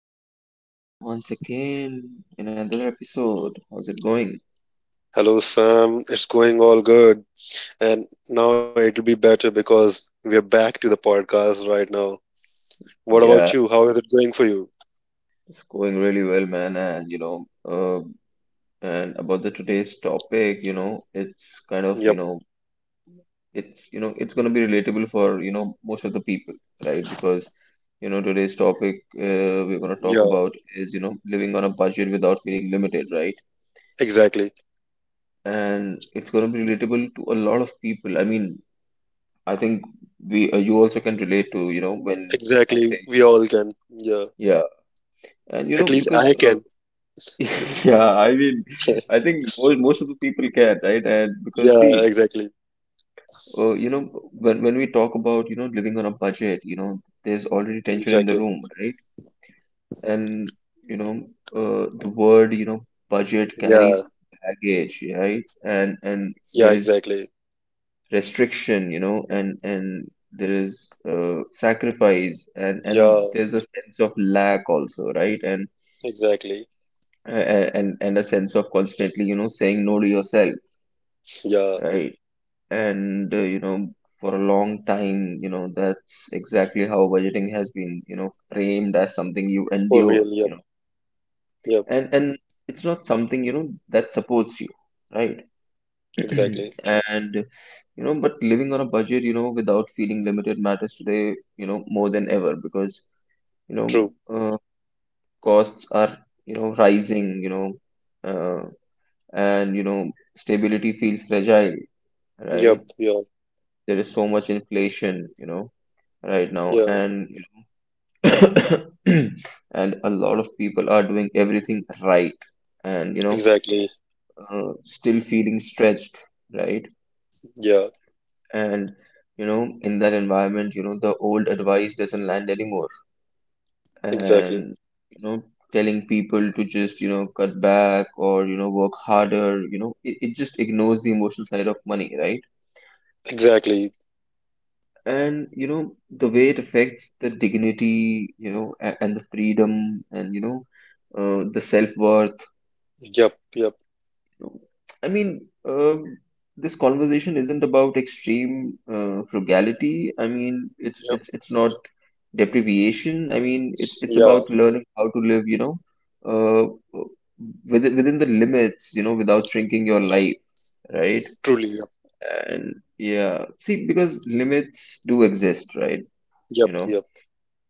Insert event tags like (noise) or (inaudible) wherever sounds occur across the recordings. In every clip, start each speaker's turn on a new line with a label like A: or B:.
A: Ari, welcome back once again. In Another episode. How's it going?
B: Hello, Sam. It's going all good. And now it'll be better because we're back to the podcast right now. What about
A: Yeah,
B: you? How is it going for you?
A: it's going really well, man. And about the today's topic, it's kind of,
B: Yep.
A: it's, it's gonna be relatable for, most of the people, right? Because, today's topic we're gonna talk
B: Yeah,
A: about is, living on a budget without feeling limited, right?
B: exactly.
A: And it's gonna be relatable to a lot of people. I mean, I think we you also can relate to when I say
B: Exactly. We all can. Yeah.
A: yeah. and you know
B: At least
A: because
B: I can.
A: (laughs) Yeah, I mean, I think most
B: (laughs)
A: of the people can, right? And because
B: Yeah,
A: see,
B: exactly.
A: uh, you know when we talk about living on a budget, there's already tension in the room,
B: Exactly.
A: right? And you know uh, the word budget carries
B: Yeah.
A: baggage, right? And
B: Yeah,
A: there is
B: exactly.
A: restriction, and there is sacrifice, and
B: Yeah,
A: there's a sense of lack also, right? And
B: exactly.
A: a- and and a sense of constantly, saying no to yourself,
B: Yeah.
A: right? And uh, you know, for a long time, that's exactly how budgeting has been, framed as something you
B: For real.
A: endure, you
B: Yep.
A: know,
B: Yep.
A: and it's not something, that supports you, right? (clears throat)
B: Exactly.
A: and you know But living on a budget, without feeling limited, matters today, more than ever, because you know
B: True.
A: uh, costs are rising, you know uh, and you know stability feels fragile,
B: Yep.
A: right?
B: Yeah.
A: There is so much inflation, right now.
B: Yeah.
A: And (coughs) And a lot of people are doing everything right and you know
B: Exactly.
A: uh, still feeling stretched, right?
B: Yeah.
A: and you know In that environment, the old advice doesn't land anymore.
B: Exactly.
A: And you know Telling people to just cut back or work harder, it just ignores the emotional side of money, right?
B: Exactly.
A: and you know The way it affects the dignity , and the freedom and the self-worth.
B: Yep, yep,
A: No. I mean, this conversation isn't about extreme frugality. I mean, it's
B: yep.
A: it's it's not deprivation. I mean, it's
B: Yeah,
A: about learning how to live, uh, within the limits, without shrinking your life, right?
B: truly. Yep,
A: And yeah, see, because limits do exist, right?
B: yep,
A: You know,
B: yep.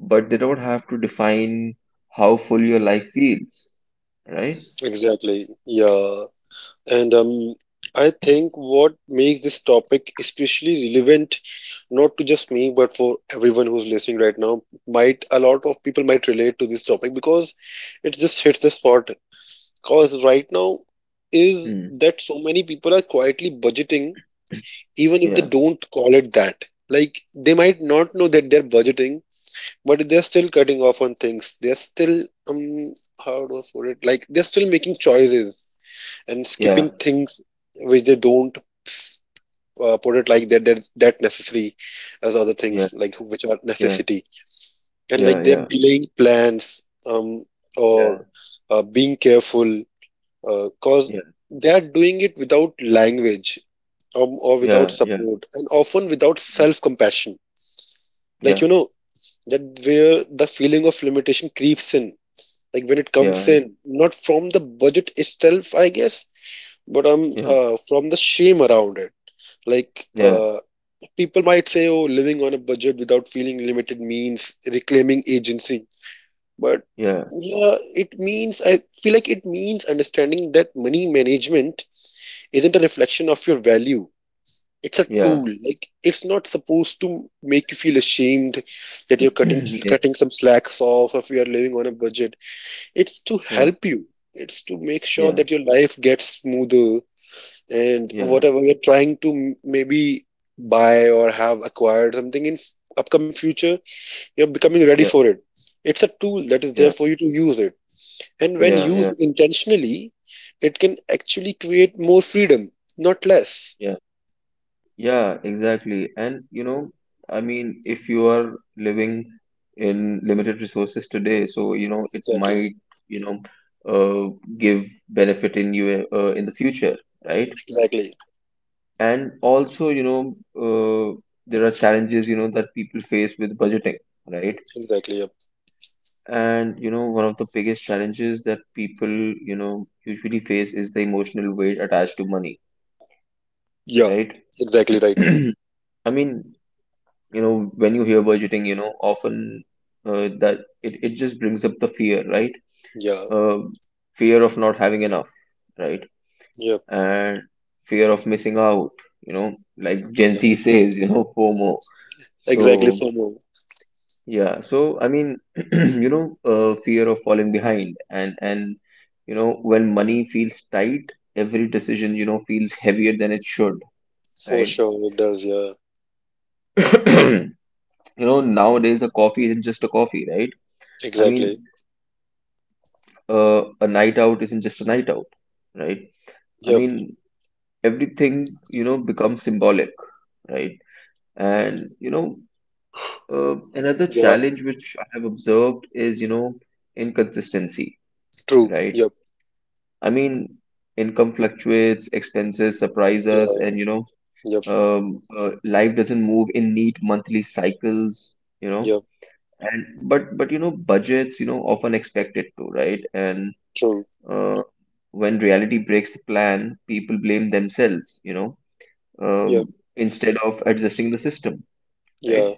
A: but they don't have to define how full your life feels, right?
B: Exactly. Yeah. And I think what makes this topic especially relevant, not to just me, but for everyone who's listening right now, might a lot of people might relate to this topic because it just hits the spot. Because right now is
A: Hmm.
B: that so many people are quietly budgeting, even if they
A: Yeah,
B: don't call it that. Like they might not know that they're budgeting, but they're still cutting off on things. They're still um how do I put it, like they're still making choices and
A: yeah,
B: skipping things which they don't put it like that, that that necessary as other things,
A: yeah,
B: like which are
A: yeah,
B: necessity, and
A: yeah,
B: like they're
A: yeah.
B: delaying plans, um or
A: Yeah,
B: being careful. Because
A: yeah,
B: they are doing it without language, or without
A: yeah, yeah,
B: support, and often without self compassion. like
A: yeah,
B: you know that where the feeling of limitation creeps in, like when it comes
A: yeah,
B: in, not from the budget itself, I guess, but
A: yeah,
B: from the shame around it. Like,
A: yeah,
B: people might say, oh, living on a budget without feeling limited means reclaiming agency, but
A: yeah,
B: yeah, it means I feel like it means understanding that money management isn't a reflection of your value. It's a tool.
A: yeah,
B: Like, it's not supposed to make you feel ashamed that you're cutting
A: (clears throat) yeah,
B: cutting some slacks off. If you're living on a budget, it's to
A: yeah,
B: help you. It's to make
A: yeah,
B: sure
A: yeah,
B: that your life gets smoother, and
A: yeah,
B: whatever you're trying to maybe buy or have acquired, something in upcoming future, you're becoming ready
A: yeah,
B: for it. It's a tool that is there for you to use it. And when
A: yeah,
B: used
A: yeah,
B: intentionally, it can actually create more freedom, not less.
A: yeah, yeah, exactly. And you know, I mean, if you are living in limited resources today, so it
B: Exactly.
A: might, you know, uh, give benefit in you in the future, right?
B: Exactly.
A: And also, there are challenges, that people face with budgeting, right?
B: Exactly. Yep.
A: And you know, one of the biggest challenges that people, usually face is the emotional weight attached to money,
B: Yeah.
A: right?
B: Exactly
A: (clears throat)
B: right.
A: I mean, when you hear budgeting, you know, often that it just brings up the fear, right?
B: Yeah.
A: Um Fear of not having enough, right?
B: Yep.
A: And fear of missing out, like Gen
B: Yeah.
A: Z says, you know, FOMO.
B: Exactly
A: So
B: for no.
A: yeah, so I mean, (clears throat) fear of falling behind. When money feels tight, every decision, feels heavier than it should,
B: For
A: right?
B: sure it does, yeah.
A: (coughs) (clears throat) You know, nowadays a coffee isn't just a coffee, right? I
B: Exactly.
A: mean, a night out isn't just a night out, right? I
B: Yep.
A: mean, everything, becomes symbolic, right? And another
B: Yeah,
A: challenge which I have observed is, inconsistency,
B: true.
A: right?
B: Yep,
A: I mean, income fluctuates, expenses surprise us,
B: yeah,
A: and you know,
B: yep,
A: um, uh, life doesn't move in neat monthly cycles, you know.
B: yep,
A: And but you know, budgets, often expect it to, right? And
B: true.
A: uh, when reality breaks the plan, people blame themselves,
B: Yep,
A: instead of adjusting the system, right?
B: yeah,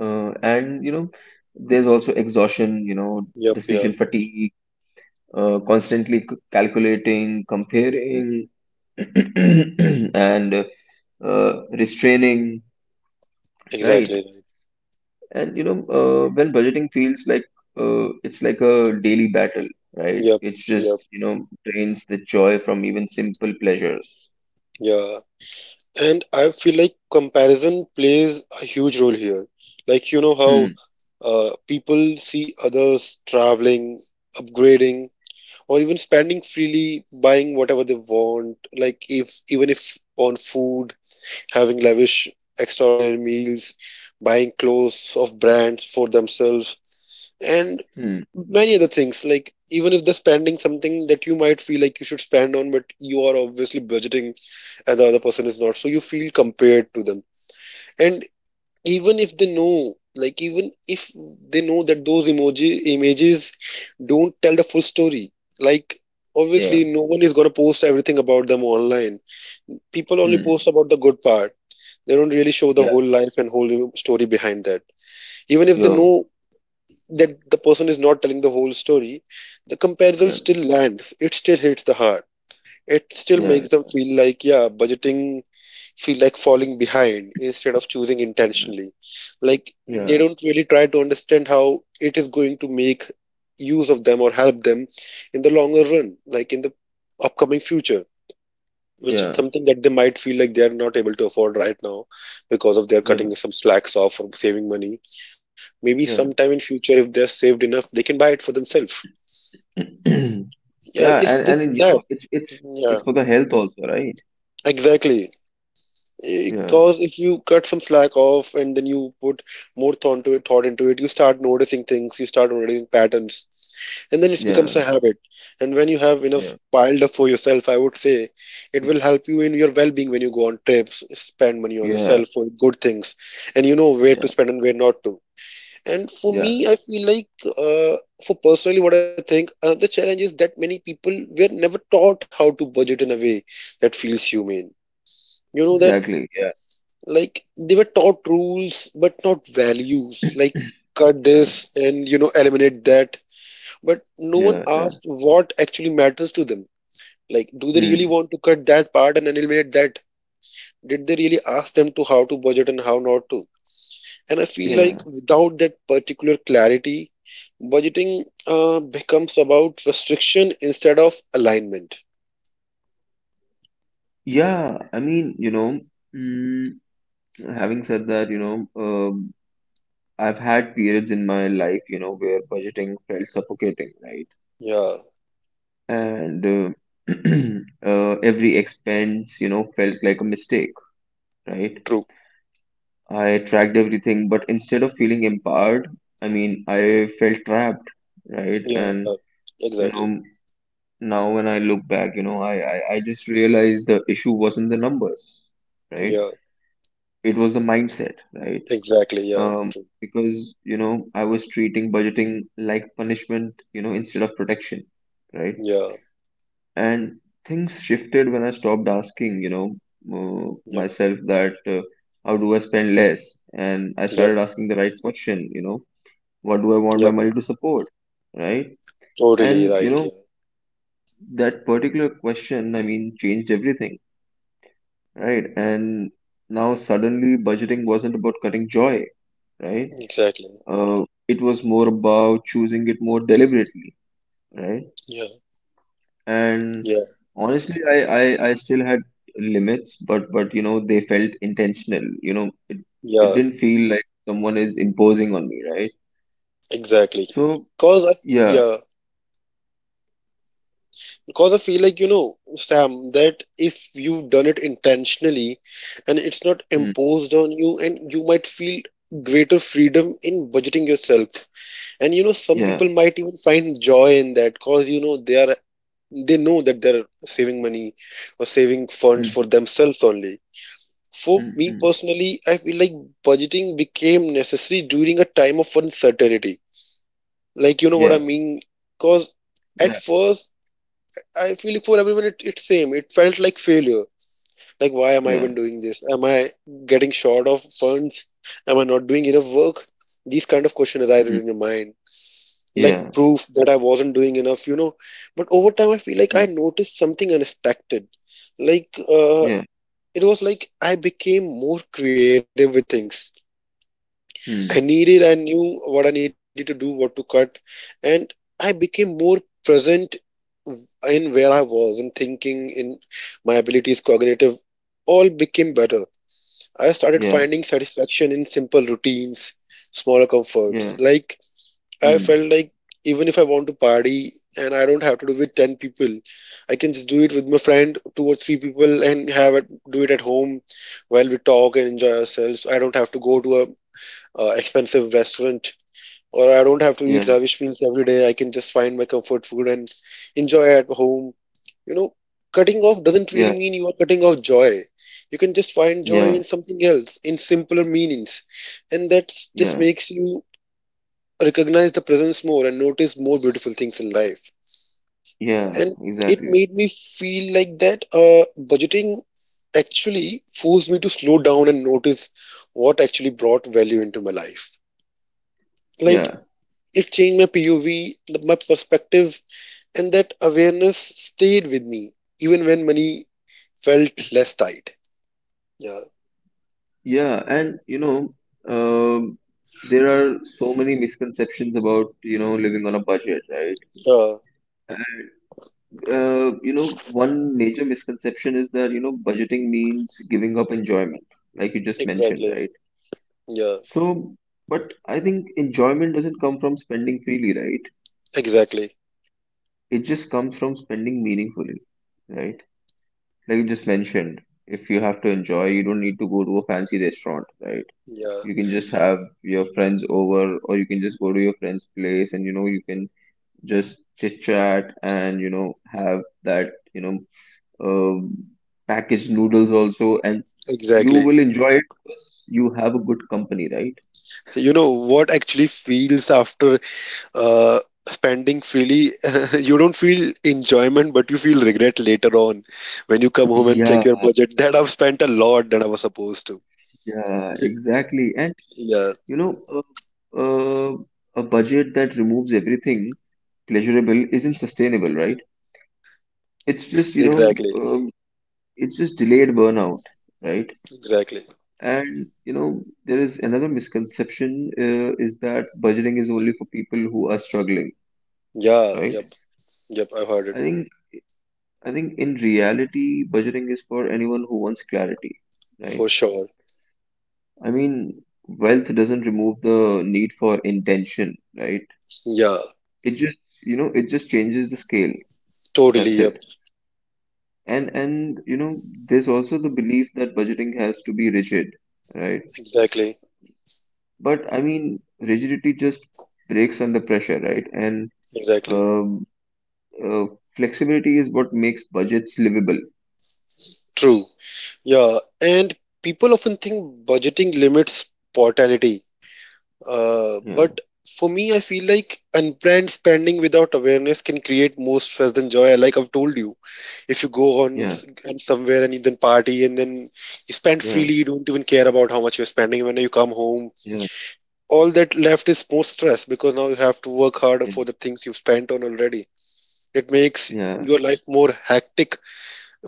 A: Uh, and you know, there's also exhaustion,
B: yep, yeah,
A: decision fatigue, constantly calculating, comparing, (coughs) (clears throat) and restraining,
B: exactly
A: right?
B: right.
A: And when budgeting feels like it's like a daily battle, right?
B: Yep,
A: It's
B: yep,
A: just, drains the joy from even simple pleasures.
B: yeah. And I feel like comparison plays a huge role here. Like, you know
A: Hmm.
B: how people see others traveling, upgrading, or even spending freely, buying whatever they want, like, if even if on food, having lavish, extraordinary meals, buying clothes of brands for themselves. And
A: Hmm.
B: many other things, like even if they're spending something that you might feel like you should spend on, but you are obviously budgeting and the other person is not, so you feel compared to them. And even if they know like even if they know that those emoji images don't tell the full story. Like,
A: Yeah.
B: obviously no one is going to post everything about them online. People only post
A: Hmm.
B: about the good part. They don't really show the
A: Yeah.
B: whole life and whole story behind that. Even if they
A: Yo.
B: know that the person is not telling the whole story, the comparison
A: Yeah.
B: still lands. It still hits the heart. It still
A: Yeah.
B: makes them feel like, yeah, budgeting feel like falling behind instead of choosing intentionally. Like, they
A: Yeah.
B: don't really try to understand how it is going to make use of them or help them in the longer run, like in the upcoming future,
A: Yeah.
B: which is
A: Yeah.
B: something that they might feel like they are not able to afford right now because of their
A: Yeah.
B: cutting
A: (coughs)
B: some slacks off or saving money. Maybe sometime
A: Yeah.
B: in future, if they are saved enough, they can buy it for themselves.
A: (clears throat)
B: Yeah,
A: Yeah.
B: it's
A: And
B: this
A: then,
B: that. Yeah,
A: it's for the health also, right?
B: exactly.
A: Yeah.
B: Because if you cut some slack off and then you put more thought into it, you start noticing things, you start noticing patterns, and then it becomes a
A: Yeah.
B: habit. And when you have enough
A: Yeah.
B: piled up for yourself, I would say it will help you in your well-being when you go on trips, spend money on
A: Yeah.
B: yourself for good things, and you know where to
A: Yeah.
B: spend and where not to. And for me,
A: Yeah.
B: I feel like, for personally what I think, another challenge is that many people were never taught how to budget in a way that feels humane. You know, that,
A: Exactly. Yeah.
B: like, they were taught rules but not values. Like, cut this
A: Yeah.
B: and, you know, eliminate that. But no one
A: Yeah. Yeah.
B: asked what actually matters to them. Like, do they really
A: Mm,
B: want to cut that part and eliminate that? Did they really ask them to how to budget and how not to? And I feel
A: yeah.
B: like without that particular clarity, budgeting becomes about restriction instead of alignment.
A: Yeah, I mean, mm, having said that, I've had periods in my life, where budgeting felt suffocating, right?
B: Yeah,
A: And (clears throat) every expense, felt like a mistake, right?
B: true.
A: I tracked everything, but instead of feeling empowered, I mean, I felt trapped, right?
B: Yeah,
A: You
B: exactly.
A: know, Now when I look back, I just realized the issue wasn't the numbers, right?
B: Yeah,
A: It was the mindset, right?
B: exactly. Yeah,
A: um,
B: true.
A: because I was treating budgeting like punishment, instead of protection, right?
B: Yeah,
A: And things shifted when I stopped asking, you know,
B: yep,
A: myself that how do I spend less, and I
B: yep,
A: started asking the right question, what do I want
B: yep.
A: my money to support, right?
B: Totally
A: And
B: right. Yeah,
A: that particular question, I mean, changed everything, right? And now suddenly budgeting wasn't about cutting joy, right?
B: exactly.
A: It was more about choosing it more deliberately, right?
B: Yeah,
A: And
B: yeah,
A: honestly, I still had limits, but you know they felt intentional. It
B: yeah,
A: didn't feel like someone is imposing on me, right?
B: exactly.
A: So
B: Cause I,
A: yeah.
B: yeah, because I feel like, you know, Sam, that if you've done it intentionally and it's not
A: Mm,
B: imposed on you, and you might feel greater freedom in budgeting yourself. And, you know, some
A: yeah.
B: people might even find joy in that, cause, you know, they are, they know that they're saving money or saving funds
A: Mm,
B: for themselves only. For
A: mm,
B: me,
A: mm,
B: personally, I feel like budgeting became necessary during a time of uncertainty, like, you know what I
A: yeah,
B: mean. Cause at
A: yeah,
B: first, I feel like for everyone, it's same. It felt like failure. Like, why am I
A: yeah.
B: even doing this? Am I getting short of funds? Am I not doing enough work? These kind of question
A: Mm,
B: arises in your mind. Like,
A: yeah.
B: proof that I wasn't doing enough, you know. But over time I feel like
A: Mm,
B: I noticed something unexpected. Like,
A: yeah.
B: it was like I became more creative with things.
A: Mm,
B: I knew what I needed to do, what to cut, and I became more present in where I was, in thinking, in my abilities, cognitive, all became better. I started
A: yeah,
B: finding satisfaction in simple routines, smaller comforts.
A: yeah.
B: Like, I
A: Mm,
B: felt like even if I want to party and I don't have to do with 10 people, I can just do it with my friend, two or three people, and have it do it at home while we talk and enjoy ourselves. I don't have to go to a expensive restaurant, or I don't have to
A: yeah,
B: eat rubbish meals every day. I can just find my comfort food and enjoy at home. You know, cutting off doesn't really
A: yeah,
B: mean you are cutting off joy. You can just find joy
A: yeah,
B: in something else, in simpler meanings. And that just
A: yeah,
B: makes you recognize the presence more and notice more beautiful things in life.
A: yeah,
B: And it
A: exactly,
B: made me feel like that budgeting actually forced me to slow down and notice what actually brought value into my life. Like,
A: yeah.
B: it changed my POV, my perspective, and that awareness stayed with me even when money felt less tight. Yeah,
A: Yeah, and um, there are so many misconceptions about, living on a budget, right?
B: yeah,
A: And, one major misconception is that, budgeting means giving up enjoyment, like you just mentioned,
B: exactly.
A: right?
B: Yeah,
A: So, but I think enjoyment doesn't come from spending freely, right?
B: exactly.
A: It just comes from spending meaningfully, right? Like you just mentioned, if you have to enjoy, you don't need to go to a fancy restaurant, right?
B: Yeah,
A: You can just have your friends over, or you can just go to your friend's place, and you know you can just chit chat and have that you know um, packaged noodles also, and you
B: exactly.
A: will enjoy it because you have a good company, right?
B: You know what actually feels after uh, spending freely? (laughs) You don't feel enjoyment, but you feel regret later on when you come home and
A: Yeah,
B: check your budget (laughs) that I've spent a lot than I was supposed to.
A: yeah,
B: (laughs)
A: exactly. And
B: Yeah,
A: you know uh, uh, a budget that removes everything pleasurable isn't sustainable, right? It's just,
B: exactly.
A: um, it's just delayed burnout, right?
B: Exactly.
A: And you know, there is another misconception is that budgeting is only for people who are struggling,
B: Yeah, yep,
A: right?
B: yep, I've heard it.
A: I think I think in reality, budgeting is for anyone who wants clarity, right?
B: For sure.
A: I mean, wealth doesn't remove the need for intention, right?
B: Yeah,
A: It just, it just changes the scale.
B: totally.
A: That's
B: Yep.
A: it. And you know, there's also the belief that budgeting has to be rigid, right?
B: Exactly.
A: But I mean, rigidity just breaks under pressure, right? And
B: Exactly.
A: um, Uh, Flexibility is what makes budgets livable.
B: True. Yeah, and people often think budgeting limits spontaneity.
A: Yeah,
B: But for me, I feel like unplanned spending without awareness can create more stress than joy. Like, I've told you, if you go on
A: yeah,
B: s- and somewhere and you then party, and then you spend
A: yeah,
B: freely, you don't even care about how much you're spending. When you come home,
A: yeah,
B: all that left is more stress because now you have to work harder
A: yeah,
B: for the things you've spent on already. It makes
A: yeah,
B: your life more hectic.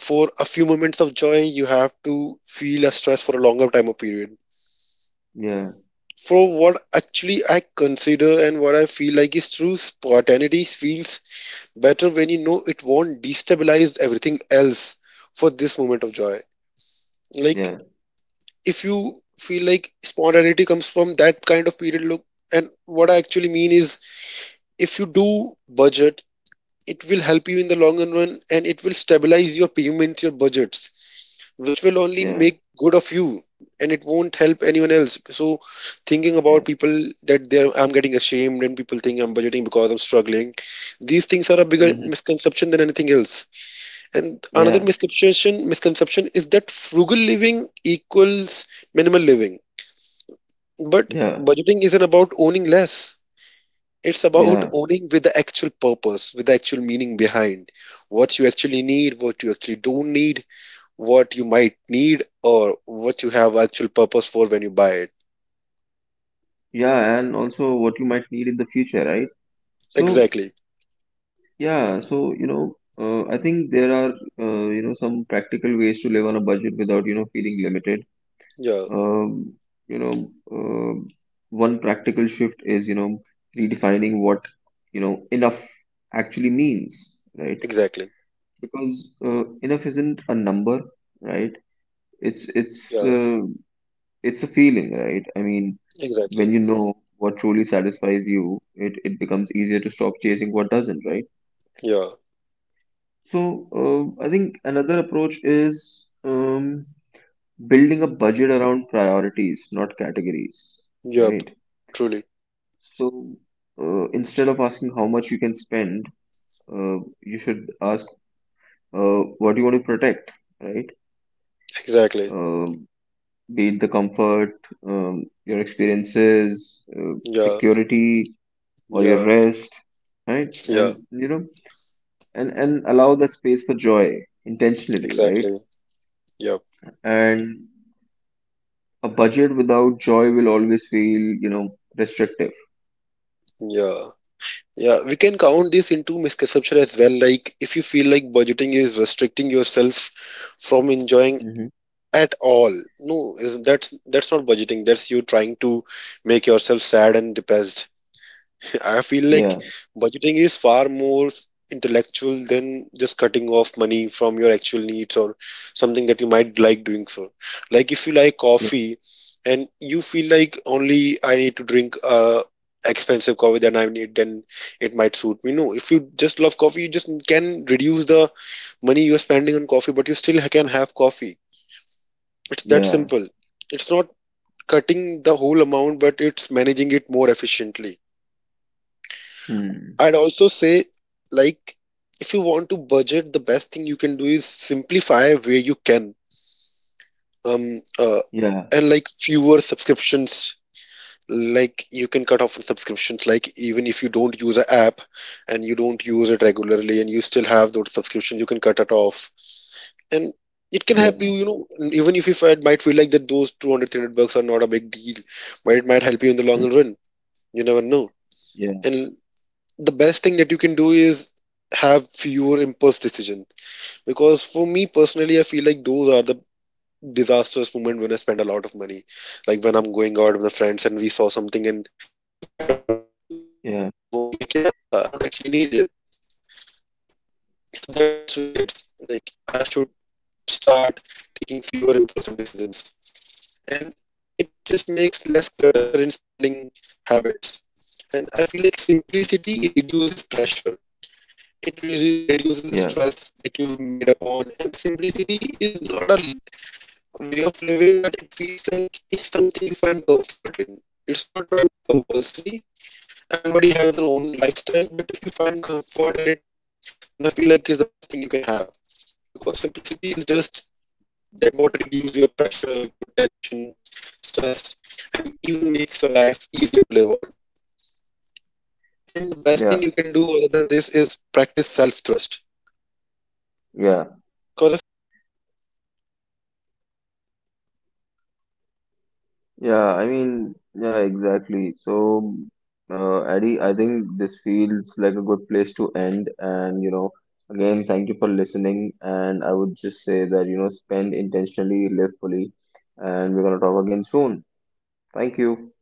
B: For a few moments of joy, you have to feel a stress for a longer time or period.
A: yeah,
B: For what actually I consider and what I feel like is true, spontaneity feels better when you know it won't destabilize everything else for this moment of joy. Like,
A: yeah,
B: if you feel like spontaneity comes from that kind of period, look, and what I actually mean is, if you do budget, it will help you in the long run, and it will stabilize your payments, your budgets, which will only
A: yeah,
B: make good of you, and it won't help anyone else. So thinking about
A: yeah,
B: people that, they, I'm getting ashamed and people think I'm budgeting because I'm struggling, these things are a bigger
A: hmm,
B: misconception than anything else. And another
A: yeah,
B: misconception is that frugal living equals minimal living. But
A: yeah,
B: budgeting isn't about owning less, it's about
A: yeah,
B: owning with the actual purpose, with the actual meaning behind, what you actually need, what you actually don't need, what you might need, or what you have actual purpose for when you buy it.
A: yeah, and also what you might need in the future, right? So,
B: Exactly.
A: yeah, so I think there are some practical ways to live on a budget without feeling limited.
B: Yeah,
A: Um, you know, uh, One practical shift is redefining what enough actually means, right?
B: exactly.
A: Because enough isn't a number, right? It's it's
B: Yeah,
A: uh, it's a feeling, right? I mean,
B: exactly.
A: when you know what truly satisfies you, it becomes easier to stop chasing what doesn't, right?
B: Yeah,
A: So I think another approach is building a budget around priorities, not categories, right?
B: yep, truly,
A: So instead of asking how much you can spend, you should ask what you want to protect, right?
B: exactly.
A: Uh, be it the comfort, your experiences,
B: Yeah,
A: security, or your
B: yeah,
A: rest, right?
B: yeah,
A: And you know, and allow that space for joy intentionally, right?
B: exactly. Yep.
A: And a budget without joy will always feel, restrictive.
B: Yeah, yeah, we can count this into misconception as well. Like, if you feel like budgeting is restricting yourself from enjoying
A: Hmm.
B: at all, no, is that's not budgeting. That's you trying to make yourself sad and depressed. I feel like
A: Yeah,
B: budgeting is far more intellectual than just cutting off money from your actual needs or something that you might like doing for. Like, if you like
A: yeah,
B: coffee and you feel like only I need to drink expensive coffee than I need, then it might suit me. No, if you just love coffee, you just can reduce the money you're spending on coffee, but you still can have coffee. It's that
A: yeah,
B: simple. It's not cutting the whole amount, but it's managing it more efficiently.
A: mm,
B: I'd also say, like, if you want to budget, the best thing you can do is simplify where you can. Um, uh,
A: yeah,
B: and like, fewer subscriptions. Like, you can cut off subscriptions. Like, even if you don't use an app and you don't use it regularly, and you still have those subscriptions, you can cut it off. And it can help you,
A: yeah,
B: you know, even if you find, might feel like that those 200, 300 bucks are not a big deal, but it might help you in the
A: mm,
B: long run. You never know.
A: yeah,
B: And the best thing that you can do is have fewer impulse decisions, because for me personally I feel like those are the disastrous moment when I spend a lot of money. Like, when I'm going out with the friends and we saw something, and I just buy it on impulse. When I come
A: yeah,
B: home, I feel like, yeah, I don't actually need it. So that's where it hits, like, I should start taking fewer impulsive decisions, and it just makes less clutter in spending habits. And I feel like simplicity reduces pressure, it really reduces the
A: yeah,
B: stress that you've made upon, and simplicity is not a way of living, but it feels like it's something you find comfort in. It's not like compulsory. Everybody has their own lifestyle, but if you find comfort in it, then I feel like it's the best thing you can have, because simplicity is just that what reduce your pressure, your tension, stress.
A: yeah, yeah. Yeah, I mean, yeah, exactly. So, Addy, I think this feels like a good place to end. And, you know, again, thank you for listening. And I would just say that, you know, spend intentionally, live fully. And we're going to talk again soon. Thank you.